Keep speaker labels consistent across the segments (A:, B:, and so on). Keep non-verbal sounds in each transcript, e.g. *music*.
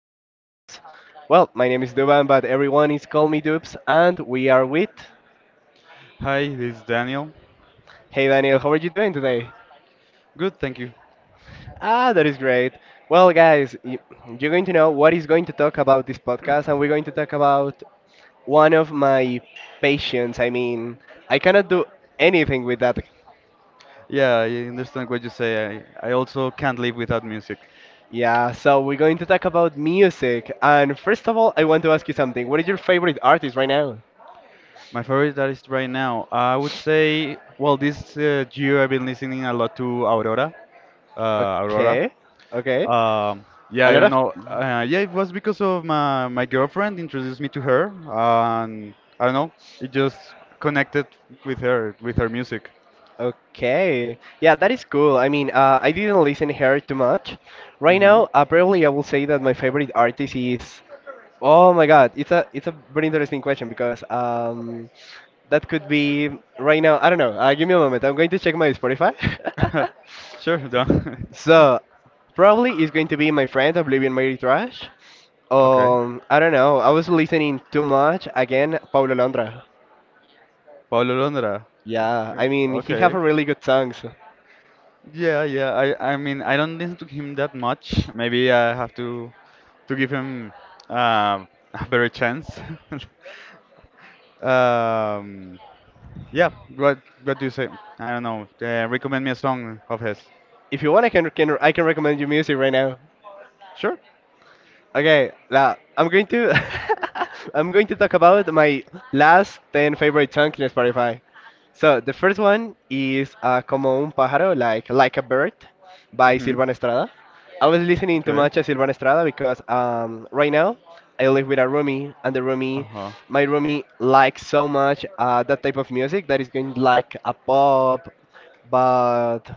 A: my name is Dubs. Well, my name is Duban, but everyone is call me Dubs, and we are with.
B: Hi, this is Daniel.
A: Hey, Daniel, how are you doing today?
B: Good, thank you.
A: Ah, that is great. Well, guys, you're going to know what is going to talk about this podcast, and we're going to talk about one of my passions. I mean, I cannot do anything with that.
B: Yeah, I understand what you say. I also can't live without music.
A: Yeah, so we're going to talk about music. And first of all, I want to ask you something. What is your favorite artist right now?
B: My favorite artist right now, I would say, well, this year I've been listening a lot to Aurora. Aurora.
A: Okay, okay.
B: Yeah,
A: A
B: I
A: lot
B: don't
A: of.
B: know. Yeah, it was because of my girlfriend introduced me to her, and I don't know, it just connected with her music.
A: Okay. Yeah, that is cool. I mean, I didn't listen here too much. Right
B: Hmm.
A: now, probably I will say that my favorite artist is. Oh my God, it's a very interesting question because that could be right now. I don't know. Give me a moment. I'm going to check my Spotify. *laughs*
B: *laughs* Sure, done. *laughs*
A: So, probably it's going to be my friend Oblivion Mary Trash.
B: Okay.
A: I don't know. I was listening too much again, Paulo Londra.
B: Paulo Londra.
A: Yeah,
B: Uh,
A: I mean he have a
B: Okay.
A: really good songs.
B: Yeah, yeah. I mean I don't listen to him that much. Maybe I have to give him um *laughs* a better chance. *laughs* um yeah, what what do you say? I don't know. Recommend me a song of his.
A: If you want, I can recommend you music right now.
B: Sure.
A: Okay, now I'm going to *laughs* I'm going to talk about my last 10 favorite songs in Spotify. So the first one is Como un pájaro, like a bird, by
B: Mhm.
A: Silvan Estrada. I was listening too
B: Okay.
A: much of Silvan Estrada because right now I live with a roomie, and
B: Uh-huh.
A: my roomie likes so much that type of music that is going like a pop, but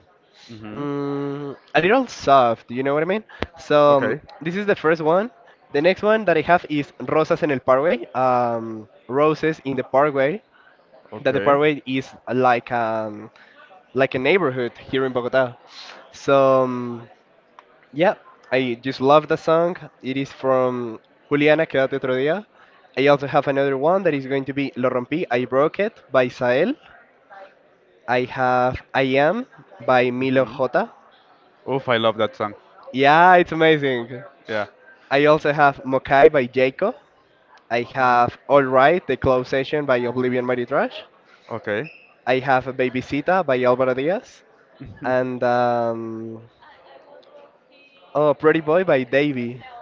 B: Mhm.
A: a little soft, you know what I mean? So
B: Okay.
A: this is the first one. The next one that I have is Rosas en el Parkway, Roses in the Parkway. That the
B: Okay.
A: Parkway is like a neighborhood here in Bogota. So yeah, I just love the song. It is from Juliana Quédate otro día. I also have another one that is going to be Lo rompí, I broke it by Sael. I have I am by Milo
B: Mhm.
A: J.
B: Oof, I love that song.
A: Yeah, it's amazing.
B: Yeah.
A: I also have Mokai by Jacob. I
B: Mhm.
A: have All Right, The Closed Session by Oblivion Mighty Trash.
B: Okay.
A: I have Babysita by Alvaro Diaz.
B: *laughs*
A: And, oh, Pretty Boy by Davey. *laughs*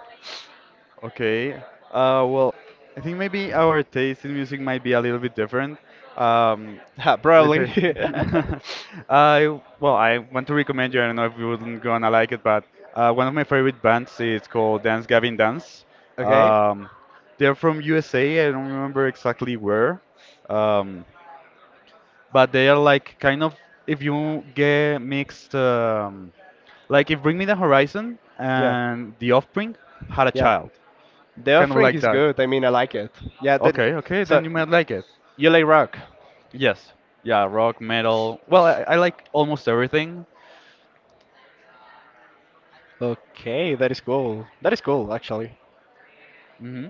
B: Okay. Well, I think maybe our taste in music might be a little bit different. Um,
A: Ah,
B: let's
A: probably.
B: say, *laughs* I well, I want to recommend you. I don't know if you wouldn't gonna like it, but one of my favorite bands is called Dance Gavin Dance.
A: *laughs* Okay.
B: Um, they're from USA. I don't remember exactly where, um, but they are like kind of if you get mixed, like if Bring Me the Horizon
A: Yeah.
B: and The Offspring had a
A: Yeah.
B: child,
A: The
B: kind of
A: offering
B: like
A: is
B: that.
A: good. I mean, I like it. Yeah. That,
B: Okay, okay,
A: so,
B: then you might like it.
A: you like rock?
B: Yes. Yeah, rock, metal. Well, I like almost everything.
A: Okay, that is cool. That is cool, actually.
B: Hmm.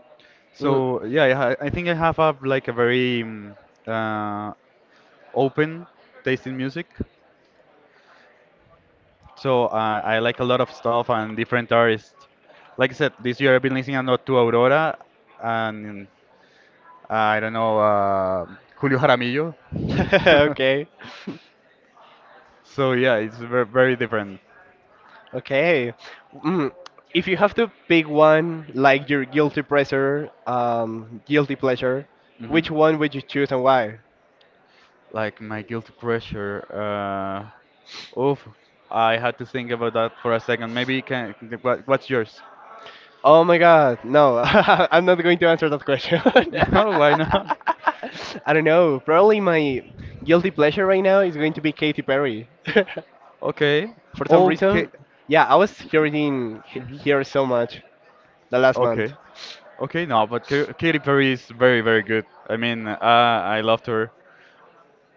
A: Mm.
B: So yeah, I think I have a like a very uh, open taste in music. So I like a lot of stuff and different artists. Like I said, this year I've been listening a lot to Aurora and I don't know Julio Jaramillo.
A: *laughs* Okay.
B: *laughs* So yeah, it's very different.
A: Okay. Mm. If you have to pick one, like your guilty pleasure,
B: Hmm.
A: which one would you choose and why?
B: Like my guilty pressure. Oof, I had to think about that for a second. Maybe you can. What's yours? *laughs*
A: Oh my God, no, *laughs* I'm not going to answer that question. *laughs*
B: No, why
A: I
B: not?
A: don't know. Probably my guilty pleasure right now is going to be Katy Perry.
B: Okay,
A: *laughs* For some
B: okay.
A: reason, yeah, I was hearing
B: Mhm.
A: here so much the last month.
B: Okay, okay. No, but Katy Perry is very good. I mean, I loved her.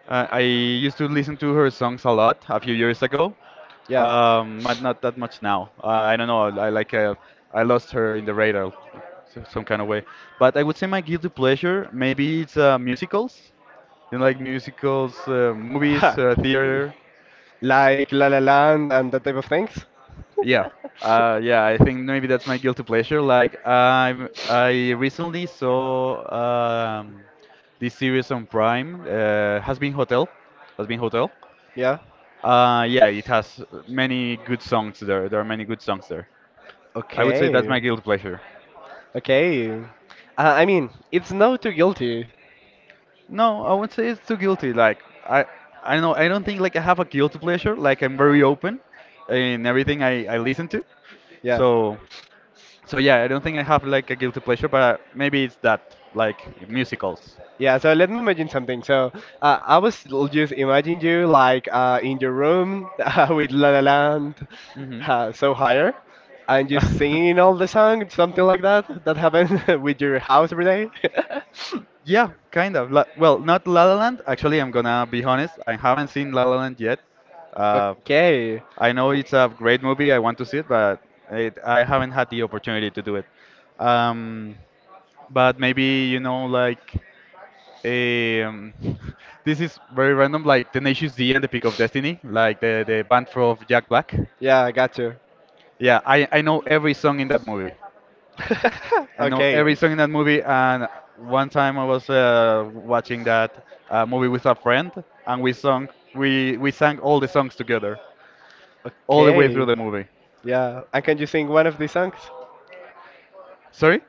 B: I used to listen to her songs a lot a few years ago,
A: Yeah.
B: but not that much now. I don't know. I like. I lost her in the radar, some kind of way. But I would say my guilty pleasure maybe it's musicals. You know, like musicals, movies,
A: *laughs*
B: theater?
A: Like La La Land and that type of things.
B: Yeah. Yeah, I think maybe that's my guilty pleasure. Like I recently saw this series on Prime, Has Been Hotel, Has Been Hotel.
A: Yeah.
B: Yeah, it has many good songs there. There are many good songs there. I would say that's my
A: Okay.
B: guilty pleasure.
A: Okay. I mean, it's no too guilty.
B: No, I would say it's too guilty. Like I, I know I don't think like I have a guilty pleasure. Like I'm very open in everything I listen to.
A: Yeah.
B: So So yeah, I don't think I have like a guilty pleasure, but maybe it's that like musicals.
A: Yeah, so let me imagine something. So I was just imagine you like in your room *laughs* with La La Land
B: Hmm.
A: so higher and just singing
B: *laughs*
A: all the song, something like that, that happened *laughs* with your house every day. *laughs*
B: Yeah, kind of. Well, not La La Land. Actually, I'm gonna be honest. I haven't seen La La Land yet. Uh,
A: Okay.
B: I know
A: W-
B: it's a great movie. I want to see it, but I haven't had the opportunity to do it. Um, but maybe you know, like, um, *laughs* this is very random. Like Tenacious D and the Peak of Destiny, like the band from Jack Black.
A: Yeah, I got you.
B: Yeah, I know every song in that movie.
A: *laughs*
B: I know every
A: Okay.
B: song in that movie. And one time I was watching that movie with a friend, and we sang all the songs together, all the way through
A: Okay.
B: the movie.
A: Yeah. And can you sing one of the songs?
B: Sorry?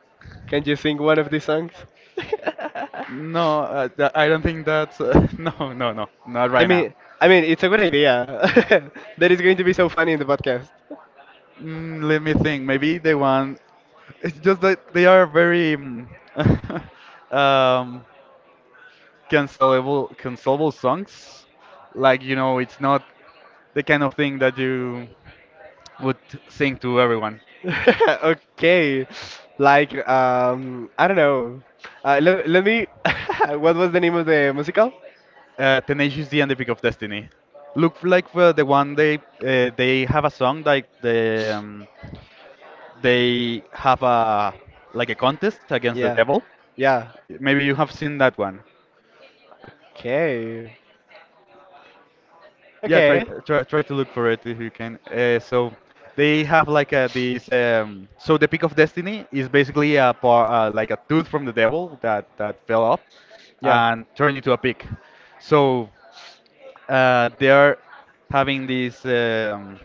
A: Can you sing one of the songs? *laughs*
B: No, I don't think that's *laughs* No, no, not
A: I
B: right now.
A: mean, I mean, it's a good idea. *laughs* That is going to be so funny in the podcast.
B: Mm, let me think. Maybe the one. It's just that they are very *laughs* um, cancelable songs. Like you know, it's not the kind of thing that you would sing to everyone.
A: *laughs* Okay, like I don't know. Let me. *laughs* What was the name of the musical?
B: Tenacious D and the Pick of Destiny. Look like the one they have a song like they have a like a contest against the
A: Yeah,
B: devil.
A: yeah.
B: Maybe you have seen that one.
A: Okay,
B: Yeah,
A: okay.
B: try to look for it if you can. So they have like these. So the Pick of Destiny is basically like a tooth from the devil that fell off
A: Yeah,
B: and turned into a pick. So they are having this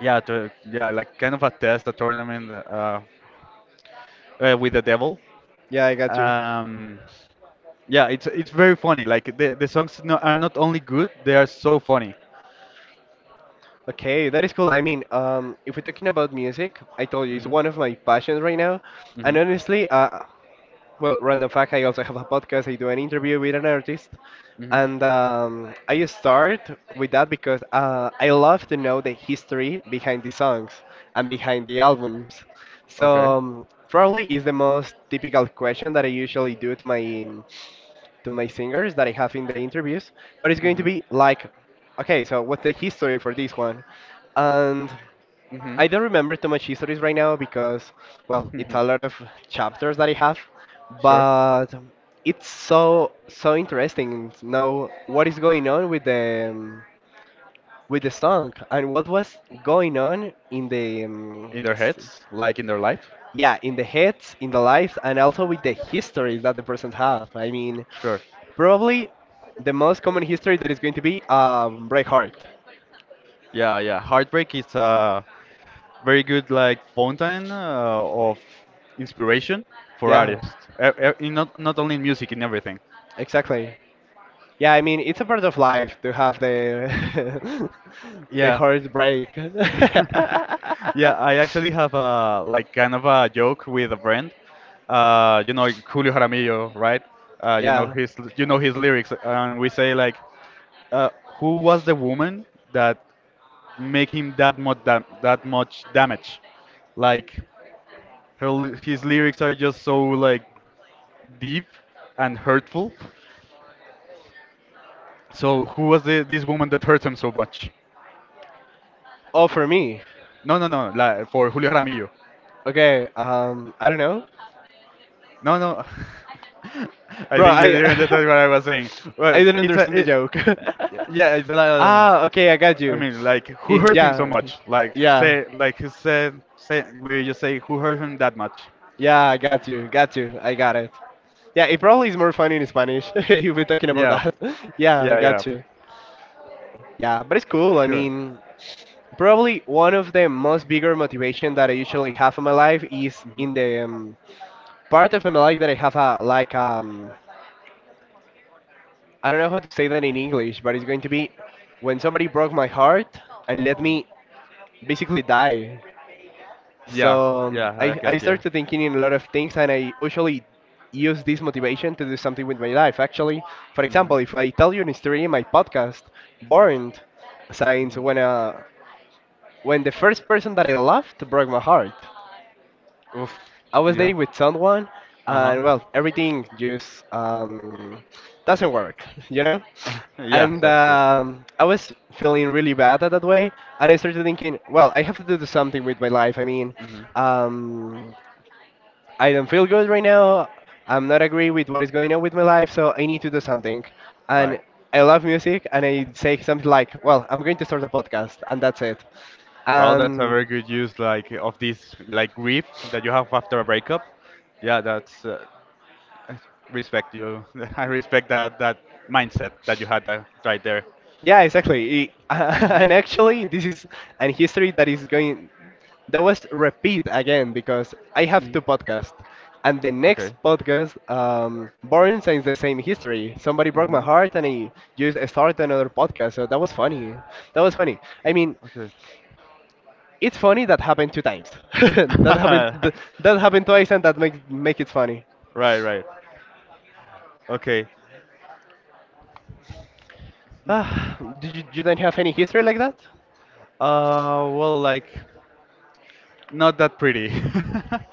B: yeah like kind of a tournament with the devil
A: yeah. I got you.
B: um, yeah it's very funny like the songs no, are not only good, they are so funny.
A: Okay, that is cool. I mean, if we're talking about music, I told you it's
B: Hmm.
A: one of my passions right now, and
B: Hmm.
A: honestly, well, random fact, I also have a podcast. I do an interview with an artist.
B: Hmm.
A: And I start with that because I love to know the history behind the songs and behind the albums. So
B: Okay.
A: probably is the most typical question that I usually do to my singers that I have in the interviews. But it's going to
B: Hmm.
A: be like, okay, so what's the history for this one? And
B: Hmm.
A: I don't remember too much histories right now because, well, it's a lot of
B: *laughs*
A: chapters that I have,
B: Sure.
A: but it's so interesting to know what is going on with the song and what was going on in the
B: In their heads, like in their life.
A: yeah, in the heads, in the lives, and also with the histories that the person have. I mean,
B: Sure.
A: probably the most common history that is going to be Braveheart.
B: Yeah, yeah, heartbreak is very good like fountain of inspiration for
A: Yeah,
B: artists, in not only in music, in everything.
A: exactly. Yeah, I mean it's a part of life to have the *laughs* the
B: Yeah.
A: heartbreak. *laughs*
B: *laughs* Yeah, I actually have a like kind of a joke with a friend. You know Julio Jaramillo, right?
A: Yeah.
B: You know his lyrics, and we say like, uh, who was the woman that make him that much damage? Like his lyrics are just so like deep and hurtful. So who was the, this woman that hurt him so much?
A: Oh, for me.
B: No, no, no. La, for Julio Jaramillo.
A: Okay. I don't know,
B: No, no. *laughs* I
A: bro.
B: think you didn't
A: I
B: understand what I was saying.
A: *laughs* I
B: Well,
A: don't understand the joke.
B: yeah, it's a lot.
A: *laughs*
B: Of-
A: Ah, okay, I got
B: I
A: you.
B: mean, like who hurt him so
A: Yeah,
B: much? Like
A: yeah,
B: say, like he said, say we just say who hurt him that much?
A: yeah. I got you. Got you. I got it. Yeah, it probably is more funny in Spanish *laughs* if we're talking about
B: Yeah,
A: that. *laughs* Yeah, I
B: yeah, yeah.
A: got you. Yeah, but it's cool. I
B: Sure.
A: mean, probably one of the most bigger motivation that I usually have in my life is
B: Hmm.
A: in the part of my life that I have a like I don't know how to say that in English, but it's going to be when somebody broke my heart and let me basically die.
B: Yeah,
A: So
B: yeah. I
A: I
B: got you.
A: started thinking in a lot of things, and I usually use this motivation to do something with my life. Actually, for
B: Hmm.
A: example, if I tell you an story in my podcast, Burned, since when the first person that I loved broke my heart.
B: Oof.
A: I was
B: Yeah.
A: dating with someone,
B: Uh
A: and well, everything just doesn't work, *laughs* you know?
B: huh. *laughs* Yeah.
A: And
B: Sure. Sure.
A: I was feeling really bad at that way, and I started thinking, well, I have to do something with my life. I mean,
B: Hmm.
A: um, I don't feel good right now. I'm not agree with what is going on with my life, so I need to do something. And
B: Right.
A: I love music, and I say something like, well, I'm going to start a podcast, and that's it.
B: Well, that's a
A: Um,
B: very good use, like of this like grief that you have after a breakup. Yeah, that's I respect you. *laughs* I respect that mindset that you had that right there.
A: Yeah, exactly.
B: Hmm.
A: *laughs* And actually, this is an history that is going that was repeat again because I have
B: Hmm.
A: two podcasts, and the
B: Okay.
A: next podcast, Boring Science, the same history. Somebody broke my
B: Hmm.
A: heart, and I just started another podcast. So that was funny. That was funny. I mean,
B: Okay.
A: it's funny that happened two times. *laughs* That happened.
B: *laughs*
A: That happened twice, and that make it funny. *sighs*
B: Right, right. Okay.
A: Ah, you don't have any history like that?
B: Well, like not that pretty. *laughs*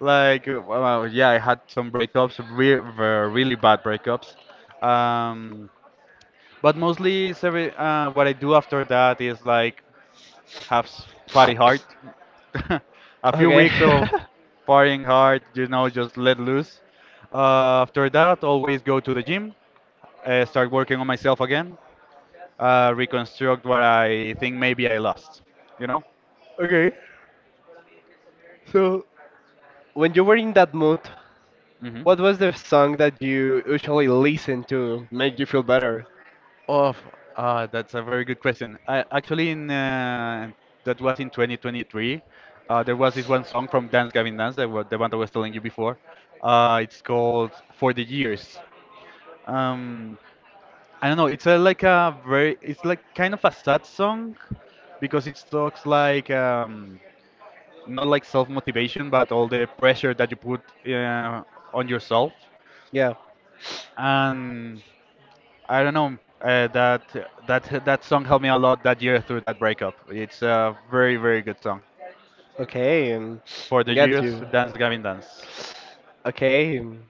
B: Like, well, yeah, I had some breakups, really bad breakups. Um, But mostly, it's every, what I do after that is like party hard, *laughs* a few
A: Okay.
B: weeks of partying hard, you know, just let loose. After that, always go to the gym, start working on myself again, reconstruct what I think maybe I lost, you know.
A: *laughs* Okay. So when you were in that mood,
B: Hmm.
A: what was the song that you usually listen to make you feel better?
B: Oh, that's a very good question. I actually in that was in 2023. There was this one song from Dance Gavin Dance, the one that I was telling you before. It's called For the Years. Um, I don't know. It's a, like a very. It's like kind of a sad song because it talks like not like self motivation, but all the pressure that you put uh, on yourself.
A: Yeah.
B: And I don't know. That song helped me a lot that year through that breakup. It's a very good song.
A: Okay,
B: For the
A: get
B: years,
A: you.
B: Dance Gavin Dance.
A: Okay.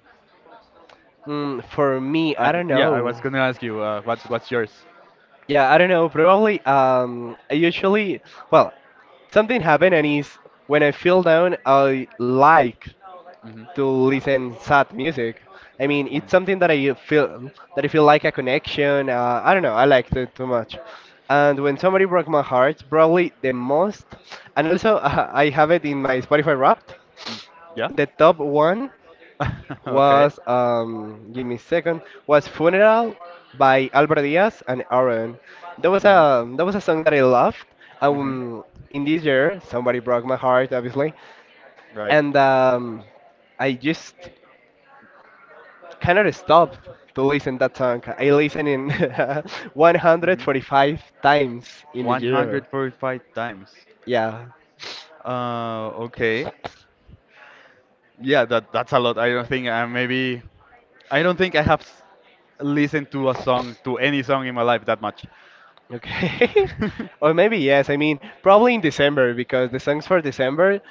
A: Mm, for me, I don't
B: Yeah, I was
A: know.
B: gonna ask you, what's yours?
A: Yeah, I don't know. Probably, I usually, well, something happened and is when I feel down, I like
B: Hmm.
A: to listen sad music. I mean,
B: Hmm.
A: it's something that I feel like a connection. I don't know. I liked it too much. And when somebody broke my heart, probably the most. And also, *laughs* I have it in my Spotify Wrapped.
B: Mm. Yeah.
A: The top one
B: *laughs* Okay.
A: was give me a second, was Funeral by Alvaro Diaz and Aaron. That was
B: Hmm.
A: a that was a song that I loved.
B: Hmm.
A: Um, in this year, somebody broke my heart, obviously,
B: Right.
A: and I just cannot stop to listen that song. I listen in *laughs*
B: Hmm.
A: 145 times in a year.
B: 145 times.
A: Yeah.
B: Okay. Yeah, that's a lot. I don't think I have listened to a song to any song in my life that much.
A: Okay. *laughs* Or
B: *laughs*
A: maybe yes. I mean, probably in December because the songs for December.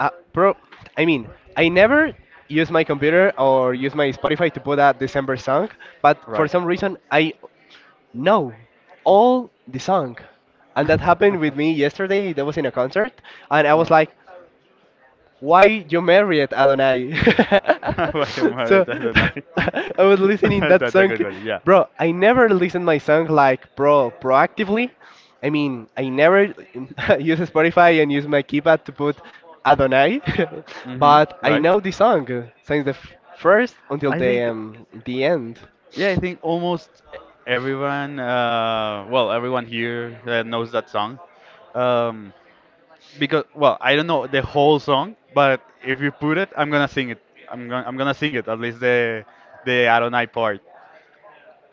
A: Pro. I mean, I never use my computer or use my Spotify to put a December song, but for
B: Right.
A: some reason I know all the song, and that happened
B: *laughs*
A: with me yesterday. That was in a concert, and I was
B: Oh.
A: like, why you married Adonai?
B: *laughs*
A: *laughs*
B: Guacamole,
A: so
B: I don't know.
A: *laughs* I was listening
B: *laughs*
A: that
B: That's a
A: song,
B: good one. Yeah.
A: bro. I never listen my song like proactively. I mean, I never *laughs* use Spotify and use my keypad to put Adonai, *laughs*
B: Hmm.
A: but I
B: Right.
A: know the song since the first until
B: I
A: the
B: think,
A: um, the end.
B: yeah, I think almost everyone, well, everyone here knows that song. Um, because, well, I don't know the whole song, but if you put it, I'm gonna sing it. I'm gonna sing it, at least the Adonai part.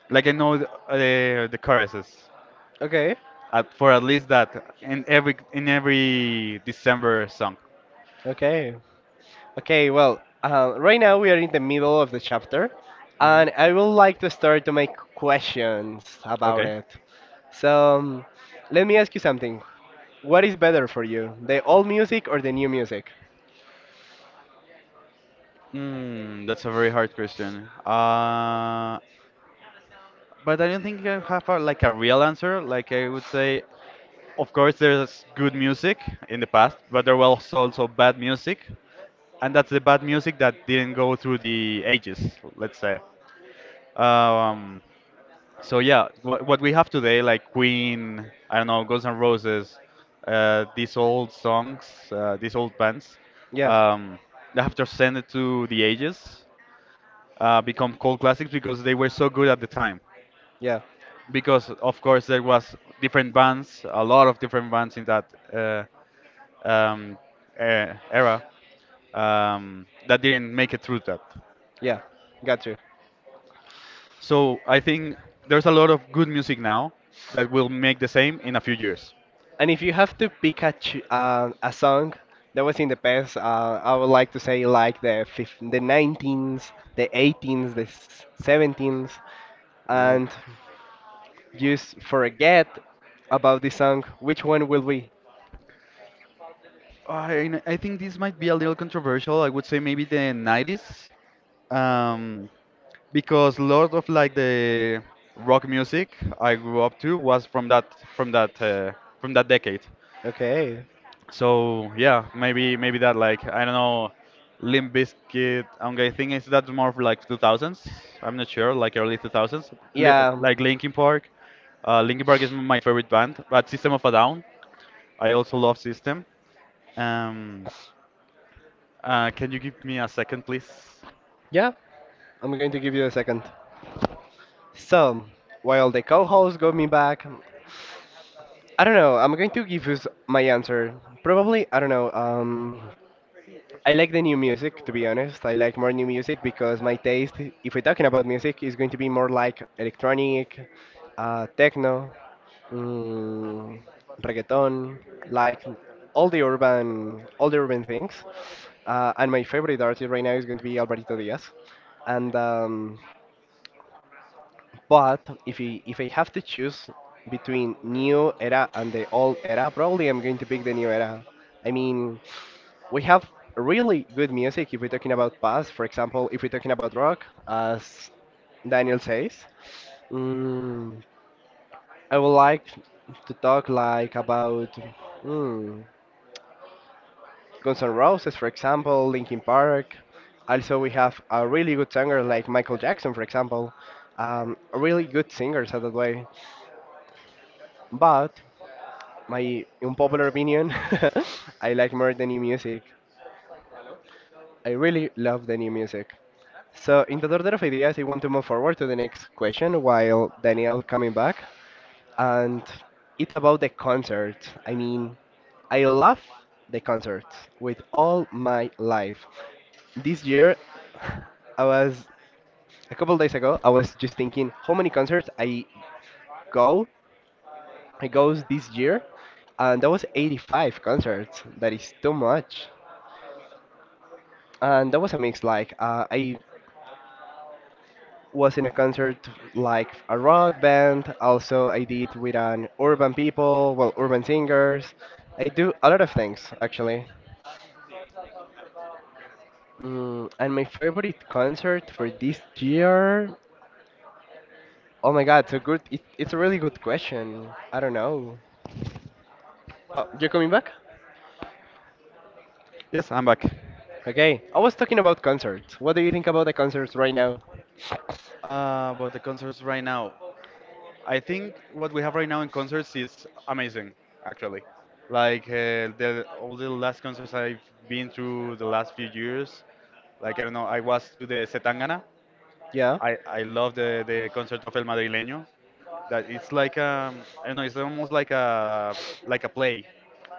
B: Like I know the choruses,
A: Okay,
B: for at least that in every December song.
A: okay. Okay, well, right now we are in the middle of the chapter,
B: Mhm.
A: and I would like to start to make questions about
B: Okay.
A: it. So, um, let me ask you something. What is better for you, the old music or the new music?
B: Mm, that's a very hard question. But I don't think I have a, like a real answer. Like I would say, of course, there's good music in the past, but there was also bad music, and that's the bad music that didn't go through the ages, let's say. Um, so yeah, what we have today, like Queen, I don't know, Guns N' Roses, these old songs, these old bands,
A: Yeah,
B: um, they have transcended to the ages become cult classics because they were so good at the time.
A: yeah,
B: Because of course there was different bands, a lot of different bands in that uh, um, era that didn't make it through that.
A: yeah, got you.
B: So I think there's a lot of good music now that will make the same in a few years.
A: And if you have to pick a song that was in the past, I would like to say like the 19s, the 18s, the 17s, and just forget about the song, which one will be?
B: I think this might be a little controversial. I would say maybe the 90s. Um, because a lot of the rock music I grew up to was from that from that uh, from that decade.
A: Okay.
B: So yeah, maybe that, like I don't know, Limp Bizkit. I think it's that more of like 2000s. I'm not sure, like early 2000s, Li
A: Yeah,
B: like Linkin Park. Linkin Park is my favorite band, but System of a Down. I also love System. Um, can you give me a second, please?
A: yeah, I'm going to give you a second. So, while the co host got me back, I don't know, I'm going to give you my answer. Probably, I don't know, I like the new music, to be honest. I like more new music because my taste, if we're talking about music, is going to be more like electronic, techno, mm, reggaeton, like all the urban things. And my favorite artist right now is going to be Alvarito Diaz. And but if I have to choose between new era and the old era, probably I'm going to pick the new era. I mean, we have really good music if we're talking about past. For example, if we're talking about rock, as Daniel says, mm, I would like to talk like about mm, Guns N' Roses, for example, Linkin Park. Also, we have a really good singer like Michael Jackson, for example. Really good singers at that way. But my unpopular opinion, *laughs* I like more the new music. I really love the new music. So in the order of ideas, I want to move forward to the next question while Daniel coming back, and it's about the concert. I mean, I love the concerts with all my life. This year, *sighs* I was a couple days ago. I was just thinking how many concerts I go It goes this year, and that was 85 concerts. That is too much. And that was a mix. Like I was in a concert like a rock band. Also, I did with an urban people, well, urban singers. I do a lot of things actually. And my favorite concert for this year. Oh my God, so good. It's a really good question. I don't know. Oh, you're coming back?
B: Yes, I'm back.
A: Okay. I was talking about concerts. What do you think about the concerts right now?
B: About the concerts right now, I think what we have right now in concerts is amazing, actually. Like the all the last concerts I've been through the last few years, like I don't know, I was to the Setangana.
A: Yeah.
B: I love the concert of El Madrileño. That it's like, um, I don't know, it's almost like a play.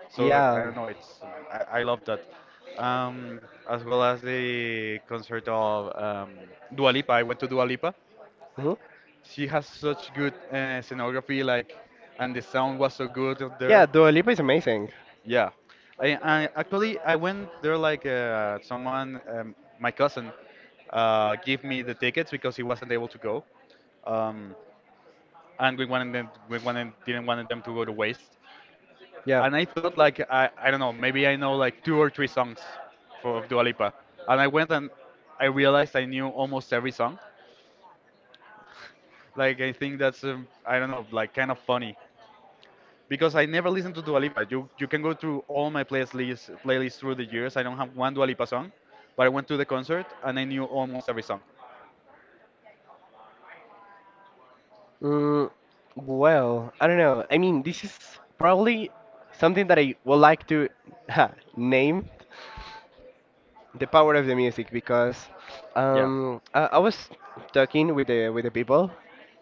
B: So I
A: Yeah.
B: don't know it's I love that. Um, as well as the concert of Dua Lipa. I went to Dua Lipa.
A: Hmm.
B: She has such good scenography, like, and the sound was so good up
A: Yeah,
B: there.
A: Dua Lipa is amazing.
B: Yeah, I actually, I went there like someone, my cousin, gave me the tickets because he wasn't able to go, um, and we wanted, didn't want them to go to waste.
A: Yeah.
B: And I thought like, I don't know, maybe I know like two or three songs for of Dua Lipa, and I went, and I realized I knew almost every song. Like, I think that's, I don't know, like kind of funny because I never listen to Dua Lipa. You can go through all my playlists through the years. I don't have one Dua Lipa song, but I went to the concert and I knew almost every song.
A: Mm, well, I don't know. I mean, this is probably something that I would like to name the power of the music because
B: Yeah,
A: I was talking with the people,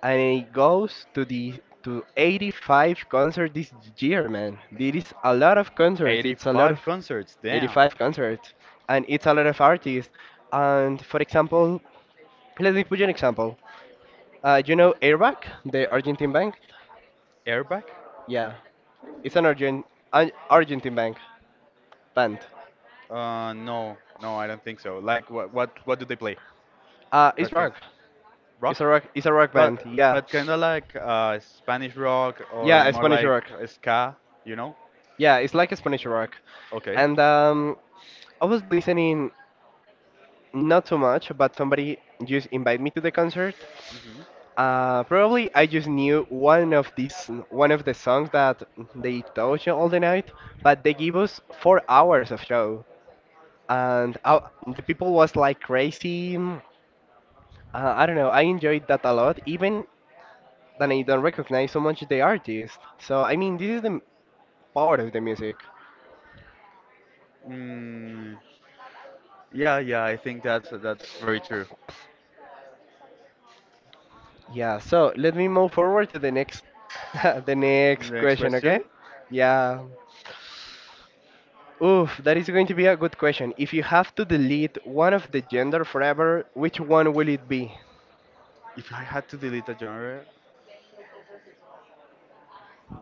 A: and it goes to 85 concerts this year, man. There is a lot of concerts. It's a lot of
B: 85 concerts. Damn.
A: 85 concerts, and it's a lot of artists. And for example. Let me put you an example. You know Airbag, the Argentine bank?
B: Airbag?
A: Yeah, it's an Argent an Argentine bank band.
B: No, no, I don't think so. Like, what what do they play?
A: It's
B: What kind?
A: rock. It's a
B: Rock?
A: rock. It's a rock
B: But
A: band. Yeah,
B: but kind of like Spanish rock, or
A: yeah, a
B: more
A: Spanish
B: like
A: rock.
B: ska, you know?
A: Yeah, it's like a Spanish rock.
B: Okay.
A: And I was listening not too much, but somebody just invited me to the concert.
B: Hmm.
A: Probably I just knew one of the songs that they taught you all the night, but they gave us 4 hours of show. And the people was like crazy. I don't know. I enjoyed that a lot, even that I don't recognize so much the artist. So I mean, this is the power of the music.
B: Mm, yeah, yeah, I think that's very true.
A: Yeah. So let me move forward to *laughs* the
B: The
A: next
B: next
A: question. Okay.
B: question.
A: Yeah. Oof, that is going to be a good question. If you have to delete one of the gender forever, which one will it be?
B: If I had to delete a genre,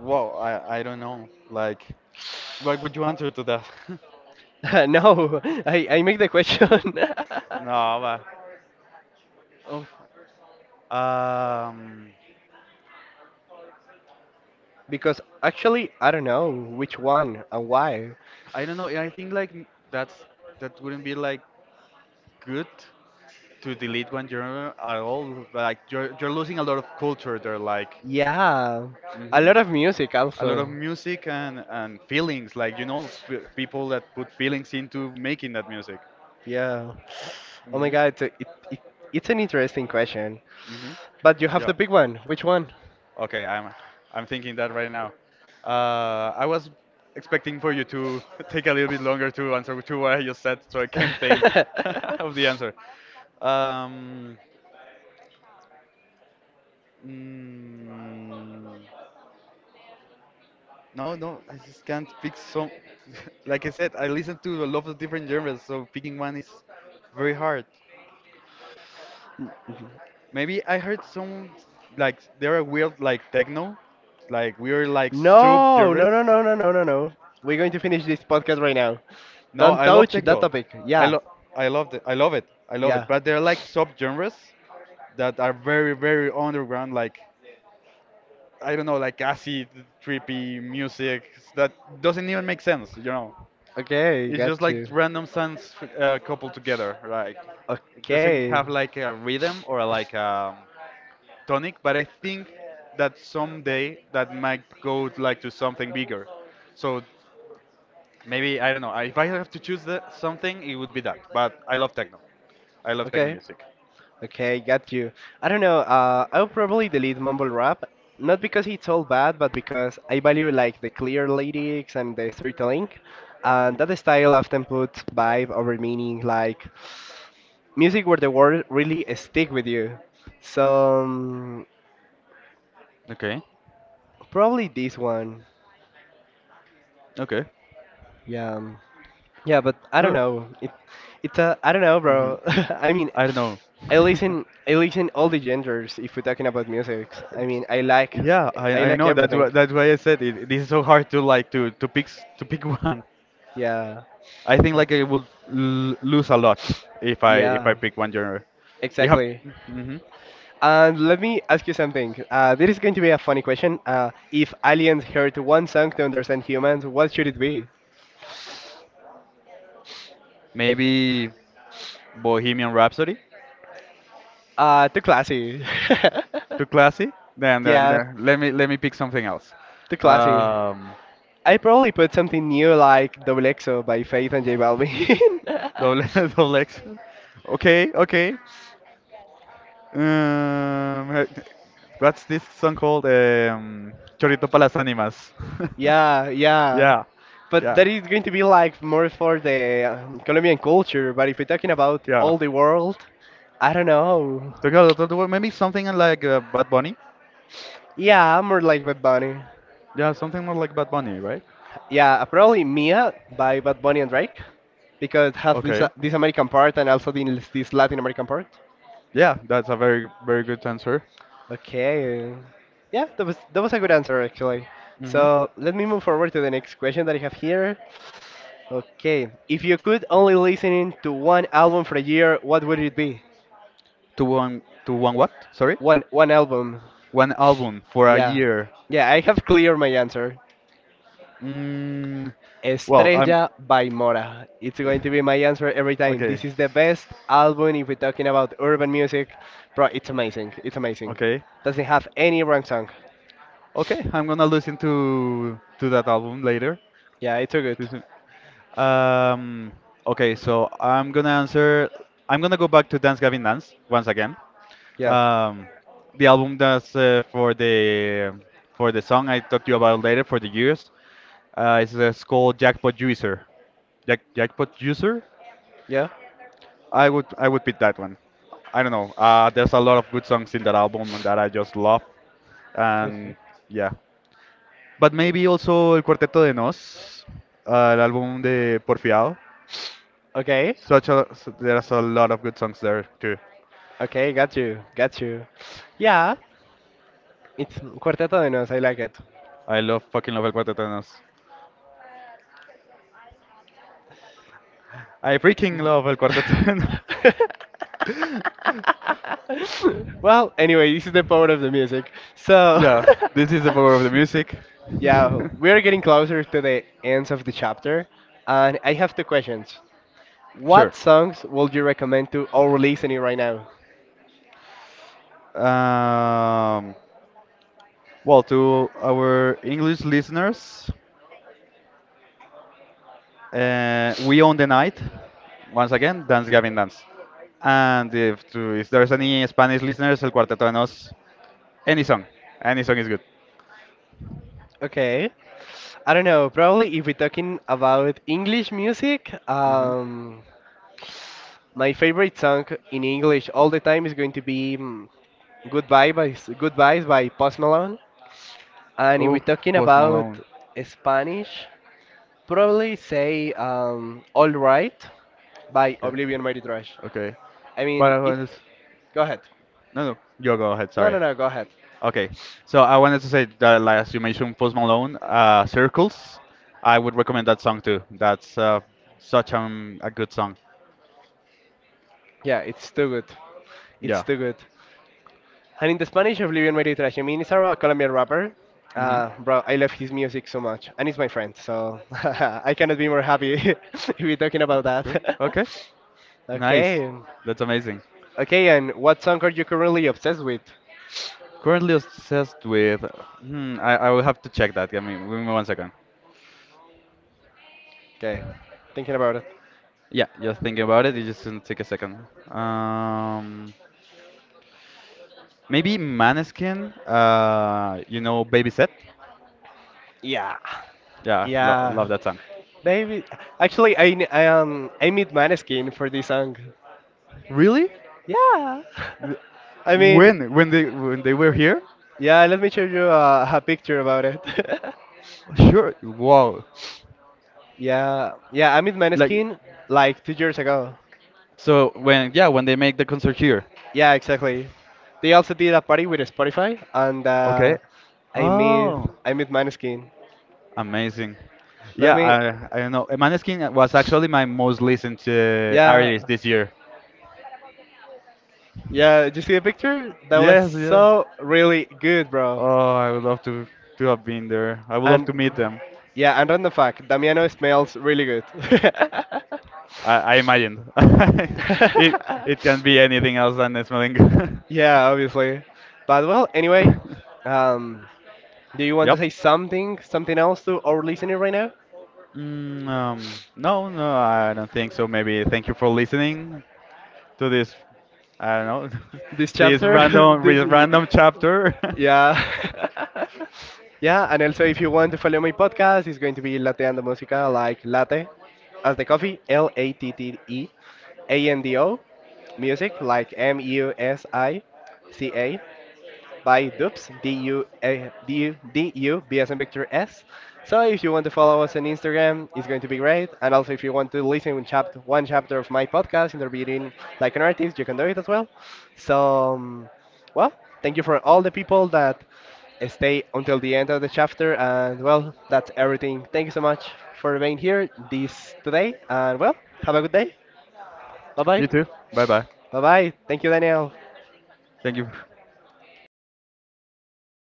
B: well, I don't know. Like, what would you answer to that? *laughs*
A: *laughs* No, I make the question. *laughs*
B: No, but oof. um,
A: Because actually, I don't know which one and why.
B: I don't know. I think like that's, that wouldn't be like good, to delete one genre at all. Like, you're losing a lot of culture there. Like,
A: Yeah, a
B: hmm,
A: lot of music
B: a lot of
A: also.
B: music and feelings. Like, you know, f- people that put feelings into making that music.
A: Yeah. Oh my
B: Hmm.
A: God, it's a, it, it's an interesting question.
B: Hmm.
A: But you have the
B: Yeah.
A: big one. Which one?
B: Okay, I'm thinking that right now. I was expecting for you to *laughs* take a little bit longer to answer to what I just said, so I can think *laughs*
A: *laughs*
B: of the answer. Um, mm, no, no, I just can't pick some. *laughs* Like I said, I listen to a lot of different genres, so picking one is very hard. Maybe I heard some, like there are weird like techno, like weird like sub
A: No, no,
B: genres.
A: no, no, no, no, no, no. We're going to finish this podcast right now.
B: No,
A: Don't
B: I love
A: touch that
B: techno.
A: topic.
B: I
A: Yeah,
B: love, I love it. I love it. I love it.
A: yeah.
B: But there are like subgenres that are very very underground, like I don't know, like acid trippy music that doesn't even make sense, you know.
A: Okay,
B: It's just
A: got
B: like
A: you.
B: random sounds coupled together. Like, it doesn't
A: Okay,
B: have like a rhythm or like a tonic, but I think that someday that might go like to something bigger. So maybe I don't know. If I have to choose something, it would be that. But I love techno. I love techno
A: okay.
B: music.
A: Okay, got you. I don't know. I'll probably delete mumble rap, not because it's all bad, but because I value like the clear lyrics and the storytelling, and
B: Mhm.
A: that style often puts vibe over meaning, like music where the words really stick with you. So
B: Okay.
A: probably this one.
B: Okay.
A: Yeah, yeah, but I don't
B: Sure.
A: know. It's a I don't know,
B: Hmm.
A: bro. *laughs* I mean,
B: I don't know.
A: I
B: *laughs*
A: listen I listen all the genders if we're talking about music. I mean, I like
B: Yeah,
A: I
B: I
A: like
B: know. That's why,
A: everything.
B: that's why I said it. This is so hard to like to pick to pick *laughs* one.
A: Yeah.
B: I think like I would lose a lot if I
A: Yeah,
B: pick one genre. You have
A: exactly.
B: hmm
A: And let me ask you something. This is going to be a funny question. If aliens heard one song to understand humans, what should it be?
B: maybe Bohemian Rhapsody,
A: Too classy. *laughs*
B: too classy.
A: Yeah,
B: Then let me pick something else.
A: too classy.
B: Um,
A: I probably put something new like Double XO by Faith and J Balvin.
B: Double, *laughs*
A: *laughs*
B: double X. Okay, okay. Um, uh, what's this song called? Chorito para las ánimas. *laughs*
A: Yeah, yeah.
B: Yeah,
A: But
B: yeah,
A: that is going to be like more for the Colombian culture. But if we're talking about
B: yeah.
A: all the world, I don't know.
B: So, yeah, maybe something like Bad Bunny.
A: Yeah, I'm more like Bad Bunny.
B: Yeah, something more like Bad Bunny, right?
A: Yeah, probably Mia by Bad Bunny and Drake because it has this uh,
B: Okay.
A: this American part and also this Latin American part.
B: Yeah, that's a very, very good answer.
A: Okay. Yeah, that was a good answer actually.
B: Mm-hmm.
A: So let me move forward to the next question that I have here. Okay, if you could only listen to one album for a year, what would it be?
B: To one what? Sorry?
A: One album.
B: One album for a
A: Yeah,
B: year.
A: yeah, I have cleared my answer.
B: Mm, well, I'm.
A: Estrella by Mora. It's going to be
B: *laughs*
A: my answer every time. This
B: Okay,
A: is the best album if we're talking about urban music. Bro, it's amazing. It's amazing.
B: okay.
A: Doesn't have any wrong song.
B: Okay, I'm gonna listen to that album later.
A: Yeah, it's so
B: To
A: good.
B: listen- Um, okay, so I'm gonna answer. I'm gonna go back to Dance Gavin Dance once again.
A: Yeah.
B: Um, the album that's for the song I talked to you about later for the years. It's called Jackpot Juicer. Jackpot Juicer.
A: Yeah.
B: I would pick that one. I don't know. There's a lot of good songs in that album that I just love, and
A: Okay.
B: yeah. But maybe also el Cuarteto de Nos, el álbum de Porfiado.
A: Okay.
B: There's a lot of good songs there too.
A: Okay, got you. Got you. Yeah. It's Cuarteto de Nos. I like it.
B: I love, fucking love el Cuarteto de Nos. I freaking love el Cuarteto de Nos. *laughs*
A: *laughs* Well, anyway, this is the power of the music. So.
B: Yeah, this is the power of the
A: *laughs*
B: music. *laughs*
A: Yeah, we're getting closer to the ends of the chapter, and I have two questions.
B: Sure.
A: What songs would you recommend to our listening right now?
B: Um, well, to our English listeners, we own the night. Once again, Dance Gavin Dance. And if, to, if there's any Spanish listeners, El Cuarteto de Nos. Any song. Any song is good.
A: Okay. I don't know, probably if we're talking about English music,
B: Hmm.
A: my favorite song in English all the time is going to be Goodbye by Goodbyes by Post Malone. And if we're
B: Oof,
A: talking
B: Post
A: about
B: Malone.
A: Spanish, probably say All Right by
B: Okay.
A: Oblivion Mighty Trash.
B: Okay.
A: I
B: But
A: mean,
B: I
A: it.
B: was
A: Go ahead.
B: no. You go ahead.
A: No,
B: Sorry.
A: no, no. Go ahead.
B: Okay. So I wanted to say that, like, as you mentioned Post Malone, Circles. I would recommend that song too. That's such, a good song.
A: Yeah, it's too good. It's
B: Yeah.
A: too good. And in the Spanish, Oblivion Made It Trash. I mean, it's a Colombian rapper.
B: Mhm.
A: Bro, I love his music so much, and he's my friend, so *laughs* I cannot be more happy *laughs* if we're talking about
B: Okay.
A: that.
B: Okay.
A: *laughs*
B: Nice.
A: Okay,
B: That's amazing.
A: okay, and what song are you currently obsessed with?
B: Currently obsessed with. Hmm, I will have to check that. Give me 1 second.
A: Okay, thinking about it.
B: Yeah, just thinking about it, it just gonna take a second. Um, maybe Maneskin, you know, Baby Set.
A: Yeah,
B: Yeah, lo love
A: yeah,
B: that song.
A: baby. Actually, I kn- I meet Maneskin for this song.
B: Really?
A: Yeah.
B: Th-
A: *laughs* I mean,
B: When they when they were here?
A: yeah, let me show you a picture about it.
B: Sure. Wow.
A: *laughs* Yeah, yeah, I met
B: Like
A: Maneskin like 2 years ago.
B: so when, yeah, when they make the concert here.
A: Yeah, exactly. They also did a party with Spotify, and
B: Okay.
A: I meet
B: Oh,
A: I met Maneskin.
B: amazing.
A: Let
B: Yeah,
A: me,
B: I don't know. Maneskin was actually my most listened to
A: yeah,
B: artist this year.
A: yeah. Did you see the picture? That was
B: Yes, yeah.
A: so really good, bro.
B: Oh, I would love to have been there. I would love
A: And
B: to meet them.
A: random fact, Damiano smells really
B: I imagine. *laughs*
A: good.
B: it
A: *laughs*
B: it can be
A: *laughs*
B: anything else than smelling good.
A: Yeah, obviously. But well, anyway,
B: *laughs*
A: um, do you want to
B: Yep.
A: say something else to our listener right now?
B: No, no, I don't think so. Maybe thank you for listening to this. I don't know
A: This
B: *laughs*
A: chapter? *laughs*
B: this
A: The-
B: random chapter.
A: yeah. *laughs* Yeah, and also if you want to follow my podcast, it's going to be Lateando Música, like latte, as the coffee, Lateando, music, like Musica, by Dubs, Duadudub as in Victor S. So if you want to follow us on Instagram, it's going to be great. And also if you want to listen to chapter one chapter of my podcast, interviewing like an artist, you can do it as well. So um, well, thank you for all the people that stay until the end of the chapter. And well, that's everything. Thank you so much for being here this today. And well, have a good day. Bye
B: *laughs*
A: bye.
B: You too. Bye bye.
A: Bye bye. Thank you, Daniel.
B: Thank you.